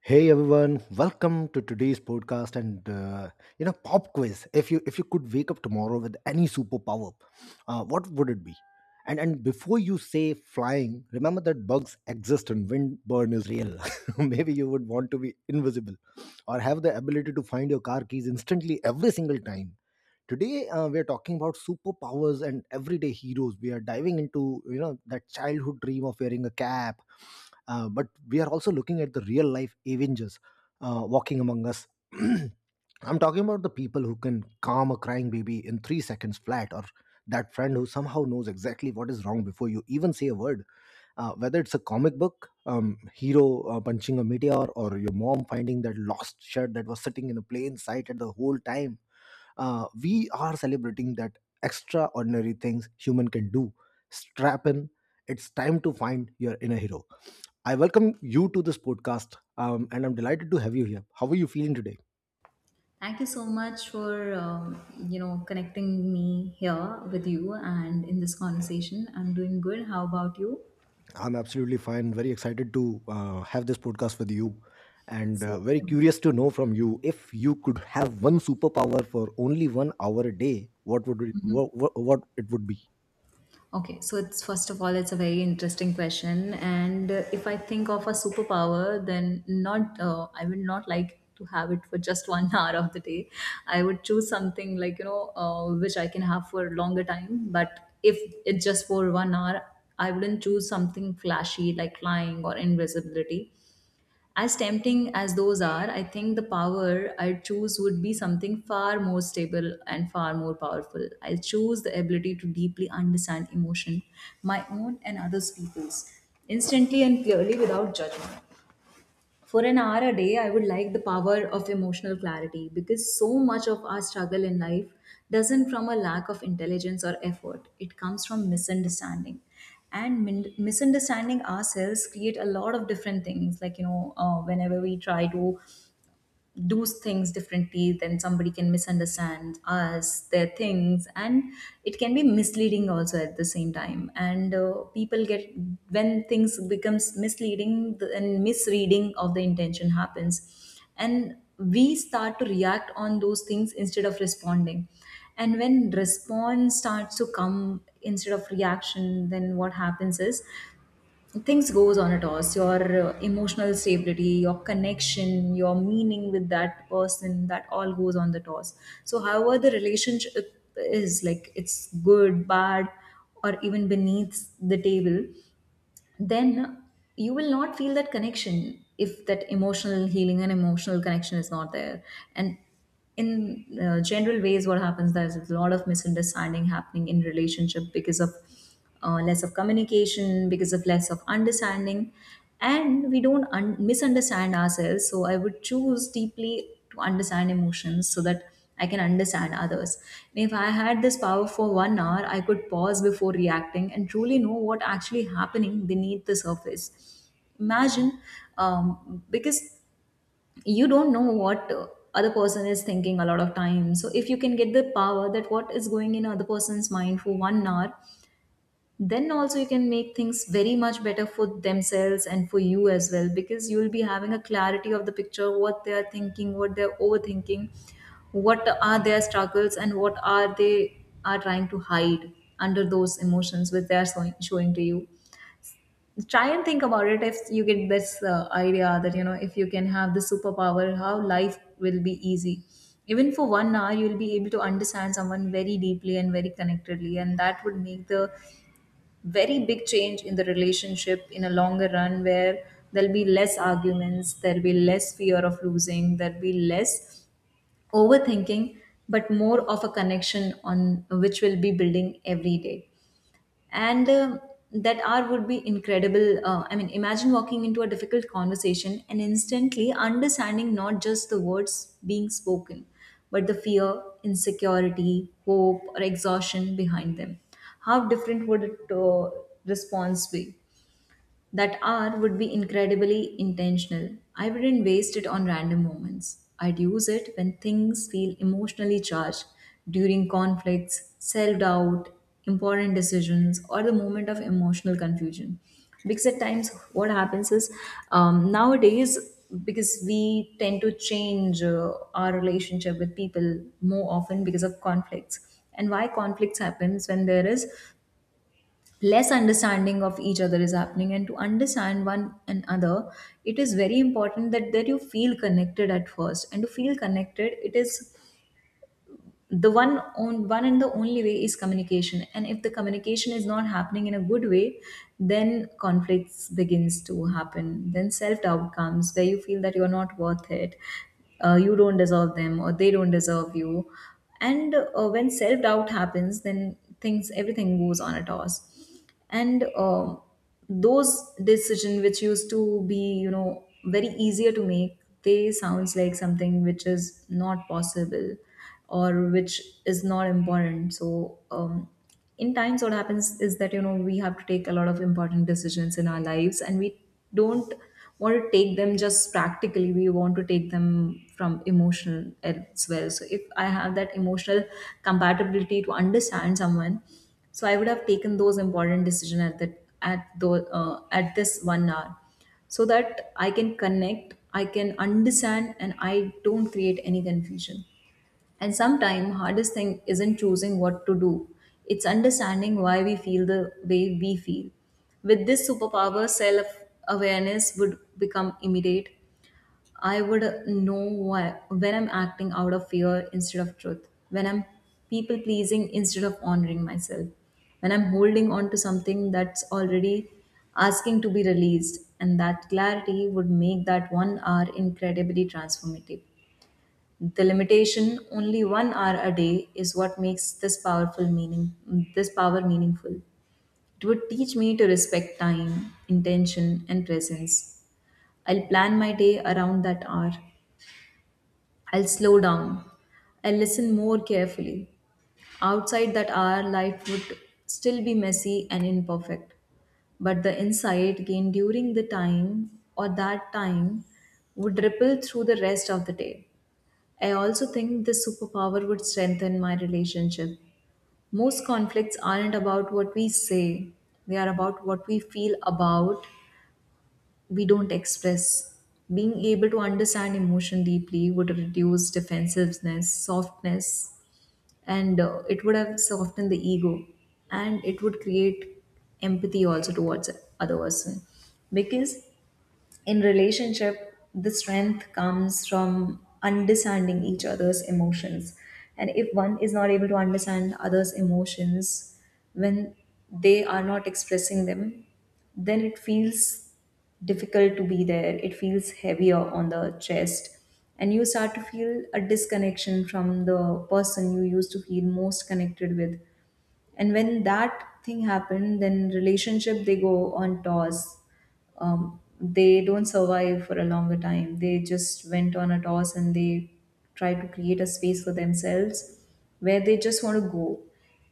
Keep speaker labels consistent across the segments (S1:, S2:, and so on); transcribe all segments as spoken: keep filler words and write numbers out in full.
S1: Hey everyone, welcome to today's podcast and uh, you know pop quiz. If you if you could wake up tomorrow with any superpower, uh, what would it be? And and before you say flying, remember that bugs exist and windburn is real. Maybe you would want to be invisible or have the ability to find your car keys instantly every single time. Today uh, we are talking about superpowers and everyday heroes. We are diving into you know that childhood dream of wearing a cap, uh, but we are also looking at the real life Avengers uh, walking among us. I'm talking about the people who can calm a crying baby in three seconds flat, or that friend who somehow knows exactly what is wrong before you even say a word. Uh, whether it's a comic book, um, hero uh, punching a meteor, or your mom finding that lost shirt that was sitting in a plain sight at the whole time, uh, we are celebrating that extraordinary things human can do. Strap in. It's time to find your inner hero. I welcome you to this podcast, um, and I'm delighted to have you here. How are you feeling today?
S2: Thank you so much for um, you know connecting me here with you and in this conversation. I'm doing good. How about you?
S1: I'm absolutely fine, very excited to uh, have this podcast with you, and uh,
S2: Same.
S1: very curious to know from you, if you could have one superpower for only one hour a day, what would it, what, what it would be
S2: Okay, so it's first of all, it's a very interesting question, and uh, if I think of a superpower, then not uh, I would not like to have it for just one hour of the day. I would choose something like you know uh, which I can have for a longer time. But if it's just for one hour, I wouldn't choose something flashy like flying or invisibility. As tempting as those are, I think the power I'd choose would be something far more stable and far more powerful. I'll choose the ability to deeply understand emotion, my own and others people's, instantly and clearly without judgment. For an hour a day, I would like the power of emotional clarity, because so much of our struggle in life doesn't from a lack of intelligence or effort, it comes from misunderstanding. And min- misunderstanding ourselves create a lot of different things, like you know uh, whenever we try to do things differently, then somebody can misunderstand us their things, and it can be misleading also at the same time. And uh, people get, when things becomes misleading, the, and misreading of the intention happens, and we start to react on those things instead of responding. And when response starts to come instead of reaction, then what happens is things goes on a toss. Your uh, emotional stability, your connection, your meaning with that person, that all goes on the toss. So however the relationship is like, it's good, bad, or even beneath the table, then you will not feel that connection if that emotional healing and emotional connection is not there. And in uh, general ways, what happens, there's a lot of misunderstanding happening in relationship because of uh, less of communication, because of less of understanding. And we don't un- misunderstand ourselves, so I would choose deeply to understand emotions so that I can understand others. And if I had this power for one hour, I could pause before reacting and truly know what actually happening beneath the surface. Imagine, um, because you don't know what uh, other person is thinking a lot of time. So if you can get the power that what is going in other person's mind for one hour, then also you can make things very much better for themselves and for you as well, because you will be having a clarity of the picture, what they are thinking, what they're overthinking, what are their struggles, and what are they are trying to hide under those emotions which they are showing, showing to you. Try and think about it, if you get this uh, idea that you know if you can have the superpower, how life will be easy. Even for one hour you'll be able to understand someone very deeply and very connectedly, and that would make the very big change in the relationship in a longer run, where there'll be less arguments, there'll be less fear of losing, there'll be less overthinking, but more of a connection on which we will be building every day. And um that R would be incredible. uh, I mean, imagine walking into a difficult conversation and instantly understanding not just the words being spoken, but the fear, insecurity, hope, or exhaustion behind them. How different would it uh, response be? That hour would be incredibly intentional. I wouldn't waste it on random moments. I'd use it when things feel emotionally charged, during conflicts, self doubt, important decisions, or the moment of emotional confusion. Because at times, what happens is, um, nowadays, because we tend to change uh, our relationship with people more often because of conflicts. And why conflicts happens, when there is less understanding of each other is happening. And to understand one another, it is very important that that you feel connected at first, and to feel connected, it is the one on one, and the only way is communication. And if the communication is not happening in a good way, then conflicts begins to happen, then self doubt comes, where you feel that you're not worth it, uh, you don't deserve them or they don't deserve you. And uh, when self doubt happens, then things, everything goes on a toss. And um those decision which used to be you know very easier to make, they sounds like something which is not possible, or which is not important. So um, in times, what happens is that you know we have to take a lot of important decisions in our lives, and we don't want to take them just practically, we want to take them from emotional as well. So if I have that emotional compatibility to understand someone, so I would have taken those important decisions at that at the uh, at this one hour, so that I can connect, I can understand, and I don't create any confusion. And sometimes hardest thing isn't choosing what to do, it's understanding why we feel the way we feel. With this superpower, self awareness would become immediate. I would know why, when I'm acting out of fear instead of truth, when I'm people pleasing instead of honoring myself, when I'm holding on to something that's already asking to be released. And that clarity would make that one hour incredibly transformative. The limitation, only one hour a day, is what makes this powerful meaning, this power meaningful. It would teach me to respect time, intention, and presence. I'll plan my day around that hour. I'll slow down. I'll listen more carefully. Outside that hour, life would still be messy and imperfect, but the insight gained during the time or that time would ripple through the rest of the day. I also think this superpower would strengthen my relationship. Most conflicts aren't about what we say, they are about what we feel about we don't express. Being able to understand emotion deeply would reduce defensiveness, softness, and uh, it would have softened the ego, and it would create empathy also towards other person. Because in relationship, the strength comes from understanding each other's emotions. And if one is not able to understand others emotions when they are not expressing them, then it feels difficult to be there, it feels heavier on the chest, and you start to feel a disconnection from the person you used to feel most connected with. And when that thing happened, then relationship they go on toss. Um, they don't survive for a longer time. They just went on a toss and they try to create a space for themselves where they just want to go.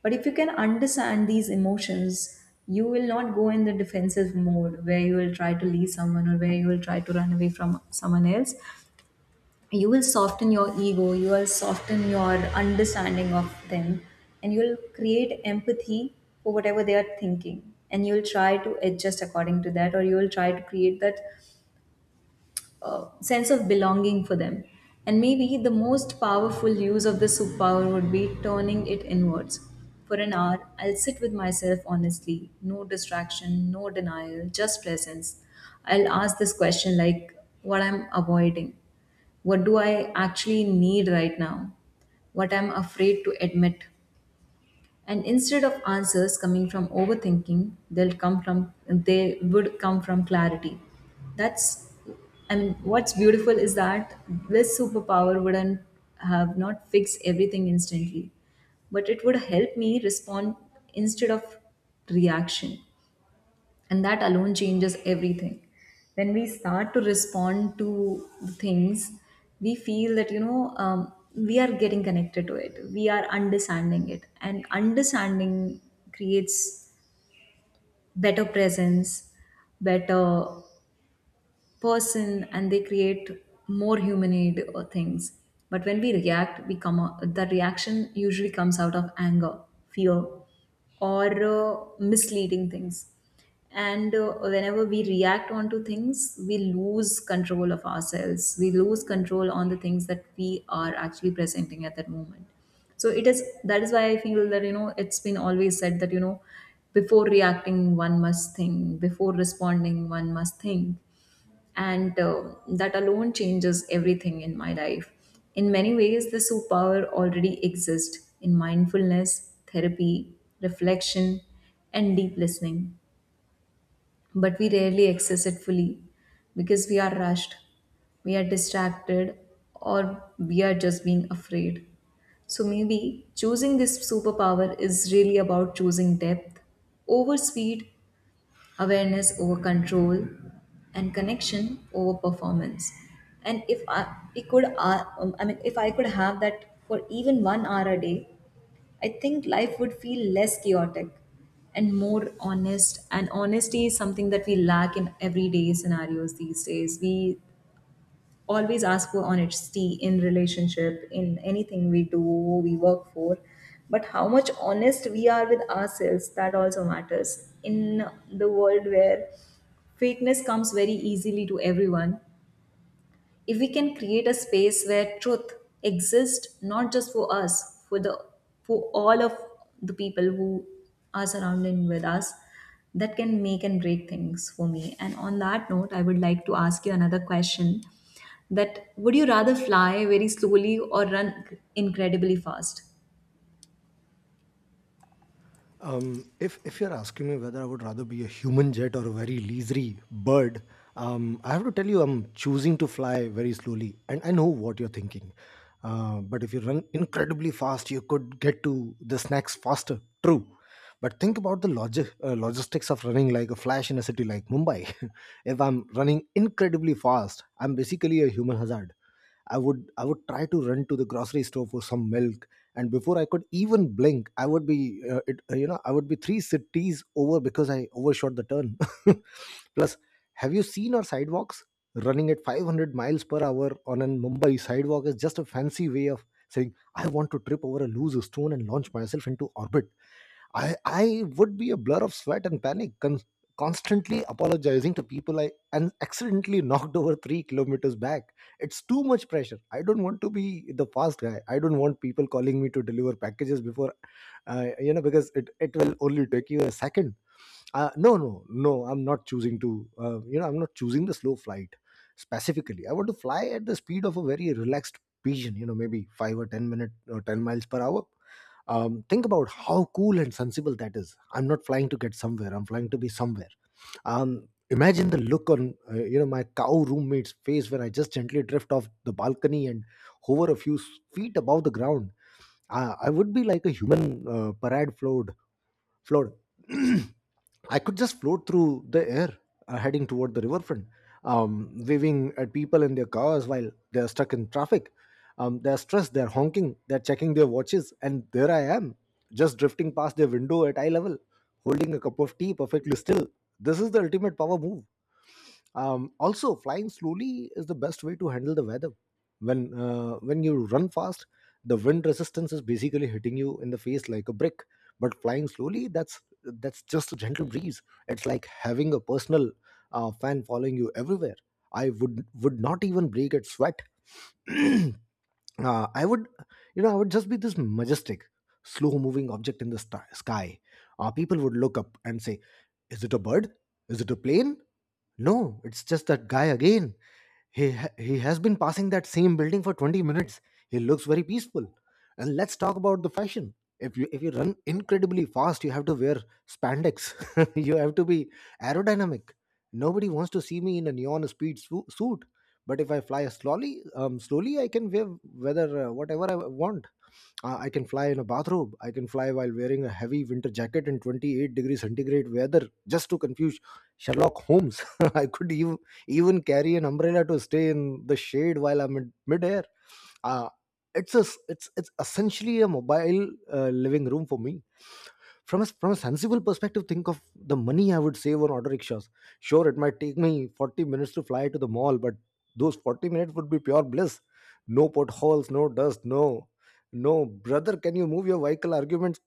S2: But if you can understand these emotions, you will not go in the defensive mode where you will try to leave someone or where you will try to run away from someone else. You will soften your ego, you will soften your understanding of them, and you'll create empathy for whatever they are thinking, and you'll try to adjust according to that, or you'll try to create that uh, sense of belonging for them. And maybe the most powerful use of this superpower would be turning it inwards. For an hour, I'll sit with myself honestly, no distraction, no denial, just presence. I'll ask this question, like, what I'm avoiding, what do I actually need right now? What I'm afraid to admit? And instead of answers coming from overthinking, they'll come from they would come from clarity. That's And what's beautiful is that this superpower wouldn't have not fixed everything instantly, but it would help me respond instead of reaction. And that alone changes everything. When we start to respond to things, we feel that you know um, we are getting connected to it, we are understanding it, and understanding creates better presence, better person, and they create more human or things. But when we react we come out, that reaction usually comes out of anger, fear, or uh, misleading things. And uh, whenever we react onto things, we lose control of ourselves, we lose control on the things that we are actually presenting at that moment. So it is, that is why I feel that you know it's been always said that you know before reacting one must think, before responding one must think. And uh, that alone changes everything in my life. In many ways, the superpower already exists in mindfulness, therapy, reflection, and deep listening, but we rarely access it fully because we are rushed, we are distracted, or we are just being afraid. So maybe choosing this superpower is really about choosing depth over speed, awareness over control, and connection over performance. And if I we could uh, um, I mean if I could have that for even one hour a day, I think life would feel less chaotic and more honest. And honesty is something that we lack in everyday scenarios these days. We always ask for honesty in relationship, in anything we do, we work for, but how much honest we are with ourselves, that also matters. In the world where fakeness comes very easily to everyone, if we can create a space where truth exists, not just for us, for the for all of the people who are surrounding with us, that can make and break things for me. And on that note, I would like to ask you another question: that would you rather fly very slowly or run incredibly fast?
S1: Um, if if you're asking me whether I would rather be a human jet or a very leisurely bird, um, I have to tell you I'm choosing to fly very slowly, and I know what you're thinking. Uh, but if you run incredibly fast, you could get to the snacks faster. True, but think about the logi- uh, logistics of running like a flash in a city like Mumbai. If I'm running incredibly fast, I'm basically a human hazard. I would i would try to run to the grocery store for some milk, and before I could even blink I would be uh, it, uh, you know I would be three cities over because I overshot the turn. Plus, have you seen our sidewalks? Running at five hundred miles per hour on a Mumbai sidewalk is just a fancy way of saying I want to trip over a loose stone and launch myself into orbit. I I would be a blur of sweat and panic, con- constantly apologizing to people I and accidentally knocked over three kilometers back. It's too much pressure. I don't want to be the fast guy. I don't want people calling me to deliver packages before, uh, you know, because it it will only take you a second. Uh, no, no, no. I'm not choosing to. Uh, you know, I'm not choosing the slow flight specifically. I want to fly at the speed of a very relaxed pigeon. You know, maybe five or ten minute or ten miles per hour. Um, think about how cool and sensible that is. I'm not flying to get somewhere, I'm flying to be somewhere. Um, imagine the look on uh, you know my cow roommate's face when I just gently drift off the balcony and hover a few s- feet above the ground. i, I would be like a human uh, parade float float I could just float through the air, uh, heading toward the riverfront, um, waving at people in their cars while they're stuck in traffic. Um, they're stressed, they're honking, they're checking their watches, and there I am, just drifting past their window at eye level, holding a cup of tea perfectly still. This is the ultimate power move. Um, also, flying slowly is the best way to handle the weather. When uh, when you run fast, the wind resistance is basically hitting you in the face like a brick. But flying slowly, that's that's just a gentle breeze. It's like having a personal uh, fan following you everywhere. I would would not even break at sweat. uh, I would, you know, I would just be this majestic, slow moving object in the sti- sky. Uh, people would look up and say, "Is it a bird? Is it a plane? No, it's just that guy again. He ha- he has been passing that same building for twenty minutes. He looks very peaceful." And let's talk about the fashion. If you if you run incredibly fast, you have to wear spandex. You have to be aerodynamic. Nobody wants to see me in a neon speed su- suit. But if I fly slowly, um, slowly I can wear whether uh, whatever I want. Uh, I can fly in a bathrobe. I can fly while wearing a heavy winter jacket in twenty-eight degree centigrade weather just to confuse Sherlock Holmes. I could even, even carry an umbrella to stay in the shade while I'm in midair. uh, it's a s- it's it's essentially a mobile uh, living room for me. From a from a sensible perspective, think of the money I would save on auto rickshaws. Sure, it might take me forty minutes to fly to the mall, but those forty minutes would be pure bliss. No potholes, no dust, no "no brother can you move your vehicle" arguments.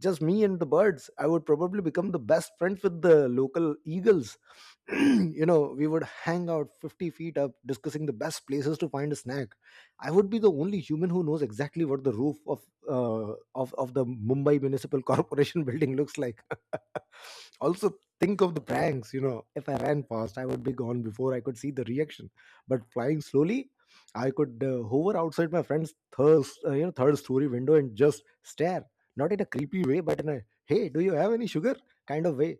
S1: Just me and the birds. I would probably become the best friends with the local eagles. You know, we would hang out fifty feet up, discussing the best places to find a snack. I would be the only human who knows exactly what the roof of uh, of, of the Mumbai Municipal Corporation building looks like. Also, think of the pranks. You know, if I ran fast, I would be gone before I could see the reaction. But flying slowly, I could uh, hover outside my friend's third uh, you know third story window and just stare, not in a creepy way but in a "hey, do you have any sugar" kind of way.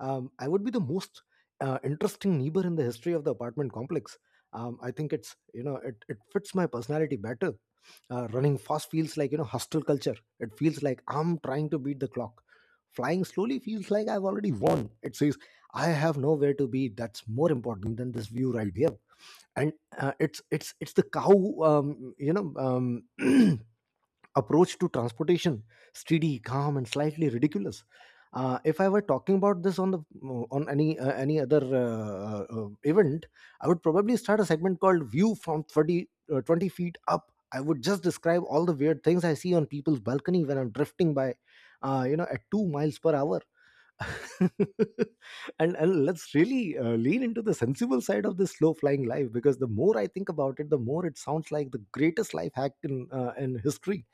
S1: Um, I would be the most uh, interesting neighbor in the history of the apartment complex. um, I think it's you know it, it fits my personality better. Uh, running fast feels like, you know, hostile culture. It feels like I'm trying to beat the clock. Flying slowly feels like I've already won. It says I have nowhere to be that's more important than this view right here. And uh, it's it's it's the cow, um, you know um, approach to transportation, steady, calm, and slightly ridiculous. Uh, if I were talking about this on the on any uh, any other uh, uh, uh, event, I would probably start a segment called "View from thirty, uh, twenty feet up." I would just describe all the weird things I see on people's balcony when I'm drifting by, uh, you know, at two miles per hour. and and let's really uh, lean into the sensible side of this slow flying life, because the more I think about it, the more it sounds like the greatest life hack in uh, in history.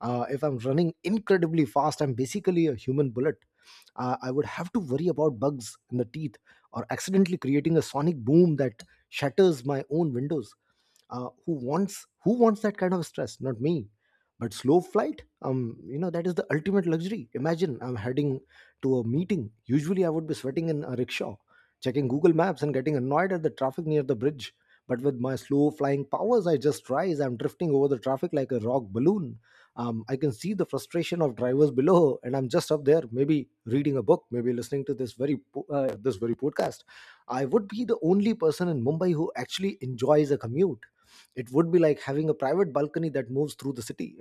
S1: Uh, if I'm running incredibly fast, I'm basically a human bullet. Uh, I would have to worry about bugs in the teeth or accidentally creating a sonic boom that shatters my own windows. Uh, who wants who wants that kind of stress? Not me. But slow flight, um, you know, that is the ultimate luxury. Imagine I'm heading to a meeting. Usually I would be sweating in a rickshaw, checking Google Maps and getting annoyed at the traffic near the bridge. But with my slow flying powers, I just rise. I'm drifting over the traffic like a rock balloon. Um, I can see the frustration of drivers below, and I'm just up there, maybe reading a book, maybe listening to this very po- uh, this very podcast. I would be the only person in Mumbai who actually enjoys a commute. It would be like having a private balcony that moves through the city.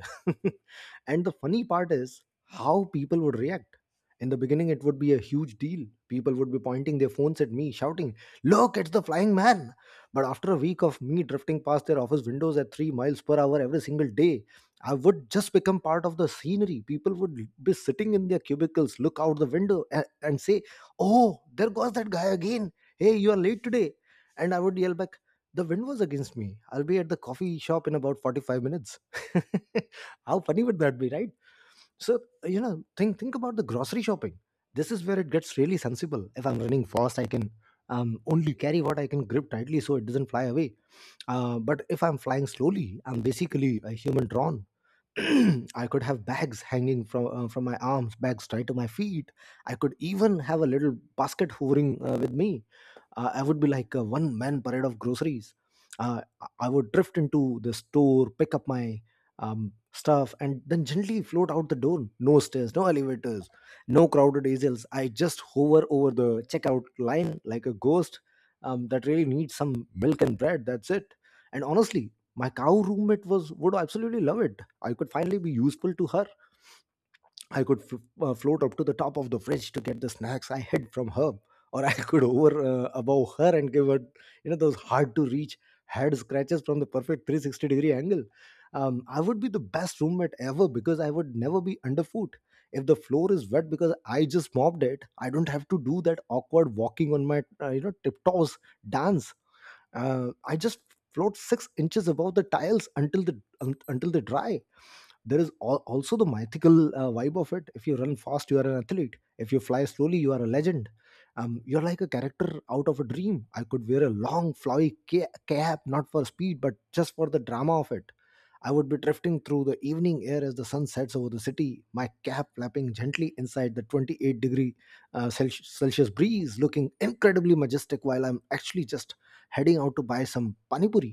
S1: And the funny part is how people would react. In the beginning, it would be a huge deal. People would be pointing their phones at me, shouting, "Look, it's the flying man." But after a week of me drifting past their office windows at three miles per hour every single day, I would just become part of the scenery. People would be sitting in their cubicles, look out the window, and, and say, "Oh, there goes that guy again. Hey, you are late today." And I would yell back, "The wind was against me. I'll be at the coffee shop in about forty-five minutes." How funny would that be, right? So, you know, think think about the grocery shopping. This is where it gets really sensible. If I'm running fast, I can um, only carry what I can grip tightly so it doesn't fly away. Uh, but if I'm flying slowly, I'm basically a human drawn. I could have bags hanging from uh, from my arms, bags tied to my feet. I could even have a little basket hovering uh, with me. Uh, I would be like a one man parade of groceries. Uh, I I would drift into the store, pick up my um, stuff, and then gently float out the door. No stairs, no elevators, no crowded aisles. I just hover over the checkout line like a ghost um, that really needs some milk and bread. That's it. And honestly, my cow roommate was would absolutely love it. I could finally be useful to her. I could f- uh, float up to the top of the fridge to get the snacks I hid from her, or I could over uh, above her and give her, you know, those hard to reach head scratches from the perfect three hundred sixty degree angle. Um, I would be the best roommate ever because I would never be underfoot. If the floor is wet because I just mopped it, I don't have to do that awkward walking on my, uh, you know, tiptoes dance. Uh, I just float six inches above the tiles until the un- until they dry. There is al- also the mythical uh, vibe of it. If you run fast, you are an athlete. If you fly slowly, you are a legend. Um, you're like a character out of a dream. I could wear a long flowy ca- cap, not for speed but just for the drama of it. I would be drifting through the evening air as the sun sets over the city, my cap flapping gently inside the twenty-eight degree uh, Celsius Celsius breeze, looking incredibly majestic while I'm actually just heading out to buy some panipuri.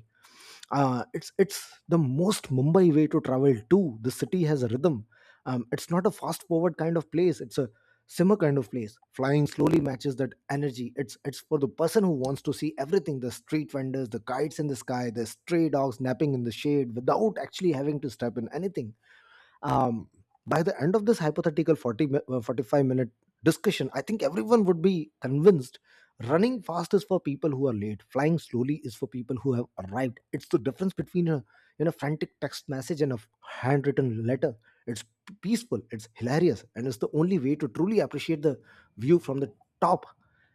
S1: Uh, it's it's the most Mumbai way to travel too. The city has a rhythm. Um, it's not a fast forward kind of place. It's a simmer kind of place. Flying slowly matches that energy. It's it's for the person who wants to see everything: the street vendors, the kites in the sky, the stray dogs napping in the shade without actually having to step in anything. um, by the end of this hypothetical forty mi- uh, forty-five minute discussion, I think everyone would be convinced. Running fast is for people who are late, flying slowly is for people who have arrived. It's the difference between a you know frantic text message and a handwritten letter. It's peaceful, it's hilarious, and it's the only way to truly appreciate the view from the top.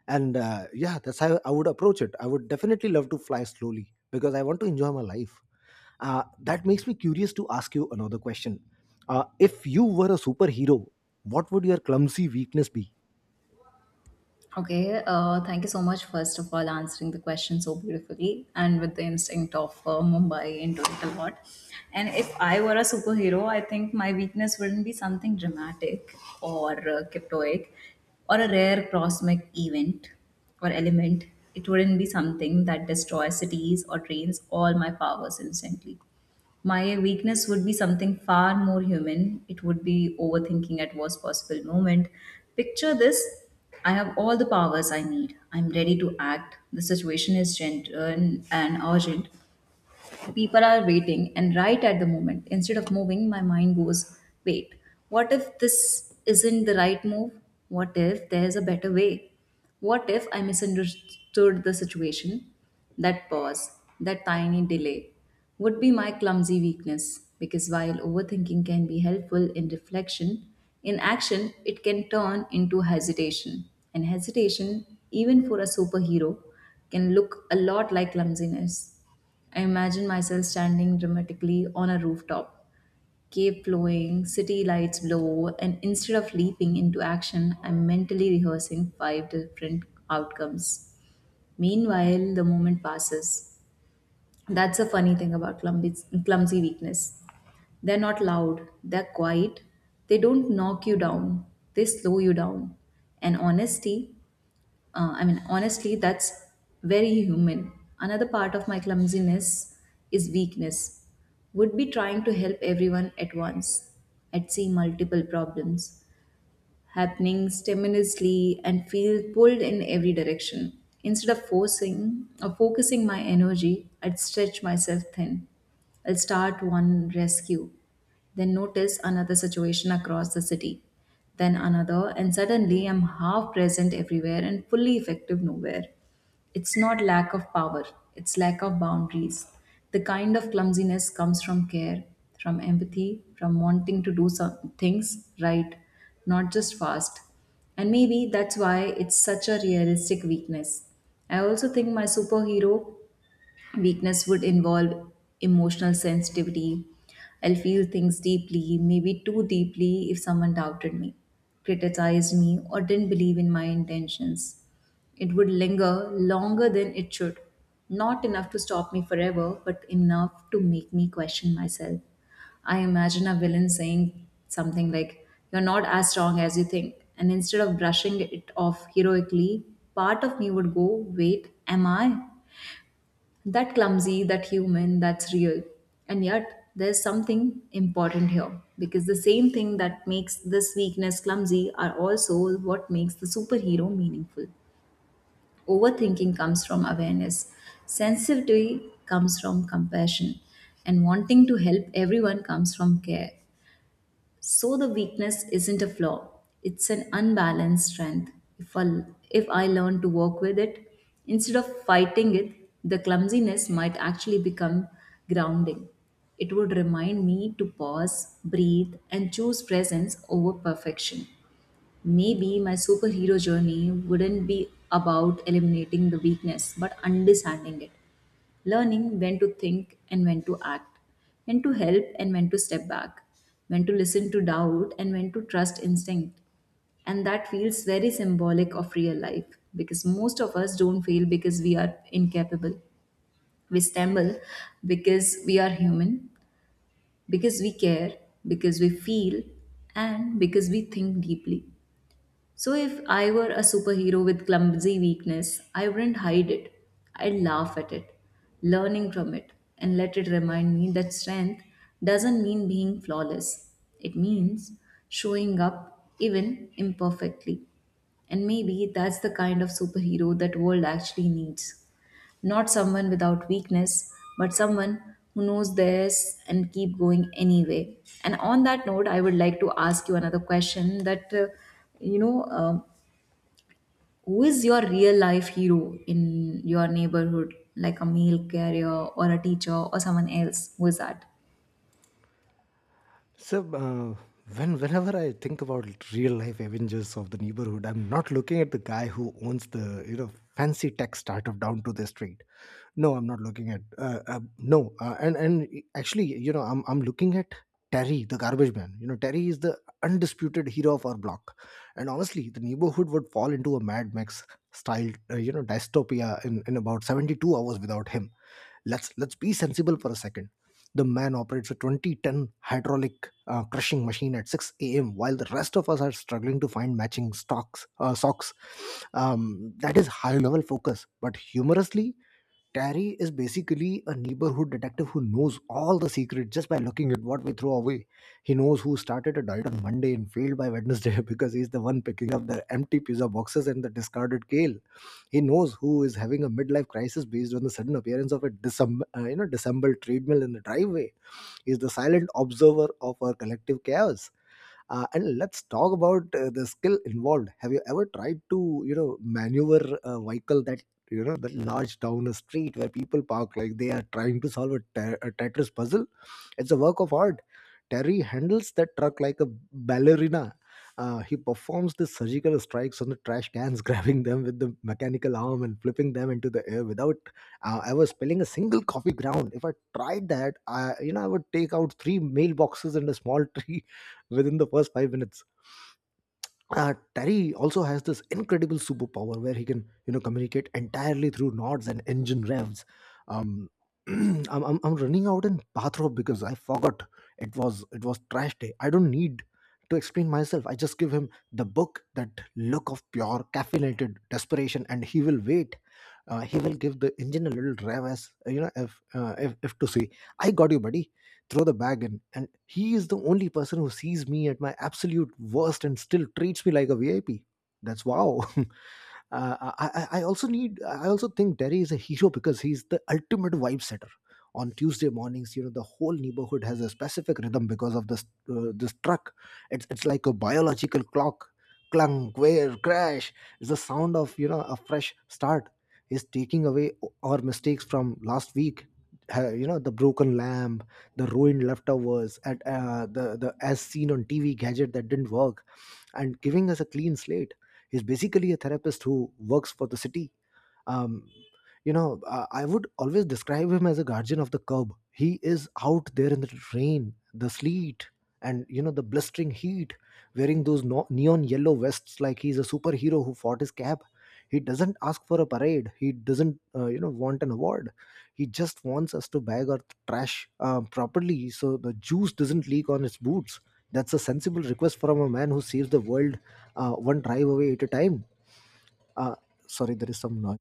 S1: And uh, yeah, that's how I would approach it. I would definitely love to fly slowly because I want to enjoy my life. Uh, that makes me curious to ask you another question. Uh, if you were a superhero, what would your clumsy weakness be?
S2: Okay, uh, thank you so much, first of all, answering the question so beautifully and with the instinct of uh, Mumbai into it a lot. And if I were a superhero, I think my weakness wouldn't be something dramatic or uh, cryptoic or a rare cosmic event or element. It wouldn't be something that destroys cities or drains all my powers instantly. My weakness would be something far more human. It would be overthinking at worst possible moment. Picture this. I have all the powers I need. I'm ready to act. The situation is gentle and urgent. People are waiting, and right at the moment, instead of moving, my mind goes, wait, what if this isn't the right move? What if there's a better way? What if I misunderstood the situation? That pause, that tiny delay, would be my clumsy weakness, because while overthinking can be helpful in reflection, in action it can turn into hesitation. And hesitation, even for a superhero, can look a lot like clumsiness. I imagine myself standing dramatically on a rooftop, cave flowing, city lights below, and instead of leaping into action, I'm mentally rehearsing five different outcomes. Meanwhile, the moment passes. That's a funny thing about clumsy, clumsy weakness. They're not loud, they're quiet, they don't knock you down, they slow you down. And honesty, uh, I mean, honestly, that's very human. Another part of my clumsiness is weakness. Would be trying to help everyone at once. I'd see multiple problems, happening spontaneously and feel pulled in every direction. Instead of forcing or focusing my energy, I'd stretch myself thin. I'll start one rescue, then notice another situation across the city, then another, and suddenly I'm half present everywhere and fully effective nowhere. It's not lack of power, it's lack of boundaries. The kind of clumsiness comes from care, from empathy, from wanting to do some things right, not just fast. And maybe that's why it's such a realistic weakness. I also think my superhero weakness would involve emotional sensitivity. I'll feel things deeply, maybe too deeply, if someone doubted me, criticized me, or didn't believe in my intentions. It would linger longer than it should. Not enough to stop me forever, but enough to make me question myself. I imagine a villain saying something like, "You're not as strong as you think." And instead of brushing it off heroically, part of me would go, "Wait, am I?" That clumsy, that human, that's real. And yet, there's something important here because the same thing that makes this weakness clumsy are also what makes the superhero meaningful. Overthinking comes from awareness, sensitivity comes from compassion, and wanting to help everyone comes from care. So the weakness isn't a flaw, it's an unbalanced strength. If I, if I learn to work with it, instead of fighting it, the clumsiness might actually become grounding. It would remind me to pause, breathe, and choose presence over perfection. Maybe my superhero journey wouldn't be about eliminating the weakness, but understanding it. Learning when to think and when to act, when to help and when to step back, when to listen to doubt and when to trust instinct. And that feels very symbolic of real life because most of us don't fail because we are incapable. We stumble because we are human, because we care, because we feel, and because we think deeply. So if I were a superhero with clumsy weakness, I wouldn't hide it. I'd laugh at it, learning from it, and let it remind me that strength doesn't mean being flawless. It means showing up even imperfectly. And maybe that's the kind of superhero that world actually needs. Not someone without weakness, but someone who knows theirs and keep going anyway. And on that note, I would like to ask you another question that, uh, you know, uh, who is your real life hero in your neighborhood, like a mail carrier or a teacher or someone else? Who is that?
S1: So, uh, when whenever I think about real life Avengers of the neighborhood, I'm not looking at the guy who owns the you know fancy tech startup down to the street. No, I'm not looking at uh, uh, no, uh, and and actually, you know, I'm I'm looking at Terry, the garbage man. You know, Terry is the undisputed hero of our block, and honestly, the neighborhood would fall into a mad mix style uh, you know dystopia in, in about seventy-two hours without him. Let's let's be sensible for a second. The man operates a twenty-ton hydraulic uh, crushing machine at six a.m. while the rest of us are struggling to find matching stocks uh, socks. Um, that is high level focus. But humorously, Terry is basically a neighborhood detective who knows all the secrets just by looking at what we throw away. He knows who started a diet on Monday and failed by Wednesday because he's the one picking up the empty pizza boxes and the discarded kale. He knows who is having a midlife crisis based on the sudden appearance of a disem- uh, you know disassembled treadmill in the driveway. He's the silent observer of our collective chaos. Uh, and let's talk about uh, the skill involved. Have you ever tried to you know maneuver a vehicle that you know that large down a street where people park like they are trying to solve a, te- a tetris puzzle? It's a work of art. Terry handles that truck like a ballerina. Uh, he performs the surgical strikes on the trash cans, grabbing them with the mechanical arm and flipping them into the air without uh, ever spilling a single coffee ground. If I tried that, I, you know, I would take out three mailboxes and a small tree within the first five minutes. uh, Terry also has this incredible superpower where he can, you know, communicate entirely through nods and engine revs. Um, I'm, I'm, I'm running out in bathrobe because I forgot it was it was trash day. I don't need to explain myself. I just give him the book, that look of pure caffeinated desperation, and he will wait. Uh, he will give the engine a little rev, as you know, if uh, if, if to say, "I got you, buddy." Throw the bag in, and he is the only person who sees me at my absolute worst and still treats me like a VIP. That's wow. Uh, I, I I also need. I also think Derry is a hero because he's the ultimate vibe setter. On Tuesday mornings, you know, the whole neighborhood has a specific rhythm because of this uh, this truck. It's it's like a biological clock. Clunk, wear, crash. It's the sound of you know a fresh start. Is taking away our mistakes from last week. Uh, you know the broken lamp, the ruined leftovers, and uh, the the as seen on T V gadget that didn't work, and giving us a clean slate. He's basically a therapist who works for the city. um, you know, uh, I would always describe him as a guardian of the curb. He is out there in the rain, the sleet, and you know the blistering heat, wearing those no- neon yellow vests like he's a superhero who fought his cab. He doesn't ask for a parade. He doesn't, uh, you know, want an award. He just wants us to bag our trash uh, properly so the juice doesn't leak on his boots. That's a sensible request from a man who saves the world, uh, one drive away at a time. Uh, Sorry, there is some noise.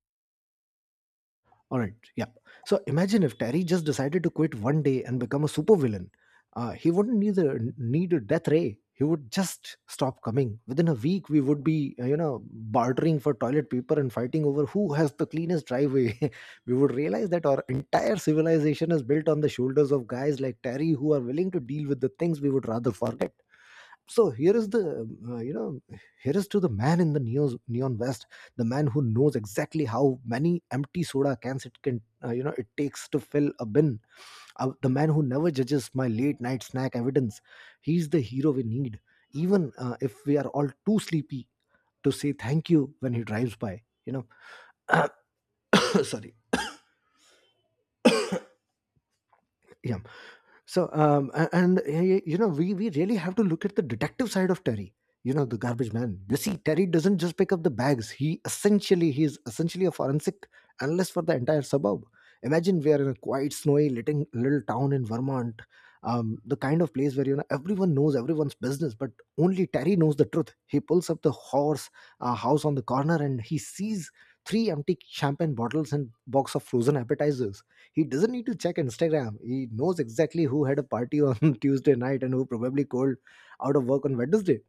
S1: All right. Yeah. So imagine if Terry just decided to quit one day and become a supervillain. Uh, he wouldn't need a, need a death ray. He would just stop coming. Within a week, we would be, uh, you know, bartering for toilet paper and fighting over who has the cleanest driveway. We would realize that our entire civilization is built on the shoulders of guys like Terry who are willing to deal with the things we would rather forget. So here is the uh, you know here is to the man in the neon, neon vest, the man who knows exactly how many empty soda cans it can uh, you know it takes to fill a bin, uh, the man who never judges my late night snack evidence. He's the hero we need, even uh, if we are all too sleepy to say thank you when he drives by, you know Sorry. Yeah. So, um, a- and uh, y- you know, we we really have to look at the detective side of Terry. You know, the garbage man. You see, Terry doesn't just pick up the bags. He essentially he is essentially a forensic analyst for the entire suburb. Imagine we are in a quiet, snowy, little, little town in Vermont, um, the kind of place where you know everyone knows everyone's business, but only Terry knows the truth. He pulls up the horse uh, house on the corner and he sees three empty champagne bottles and box of frozen appetizers. He doesn't need to check Instagram. He knows exactly who had a party on Tuesday night and who probably called out of work on Wednesday.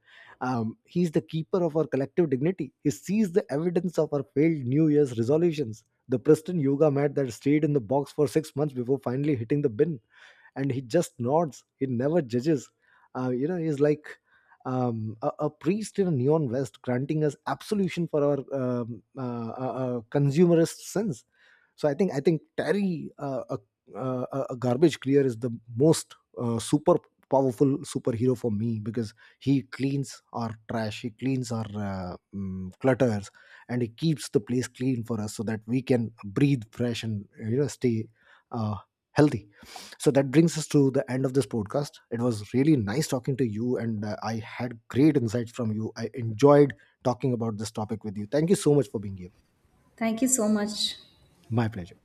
S1: Um, he's the keeper of our collective dignity. He sees the evidence of our failed New Year's resolutions. The Preston yoga mat that stayed in the box for six months before finally hitting the bin, and he just nods. He never judges. Uh, you know he's like um, a, a priest in a neon vest granting us absolution for our um, uh, uh, uh, consumerist sins. So i think i think Terry, uh, a, uh, a a garbage clear, is the most uh, super powerful superhero for me because he cleans our trash, he cleans our uh, mm, clutters, and he keeps the place clean for us so that we can breathe fresh and you know stay uh, healthy. So that brings us to the end of this podcast. It was really nice talking to you, and uh, I had great insights from you. I enjoyed talking about this topic with you. Thank you so much for being here.
S2: Thank you so much.
S1: My pleasure.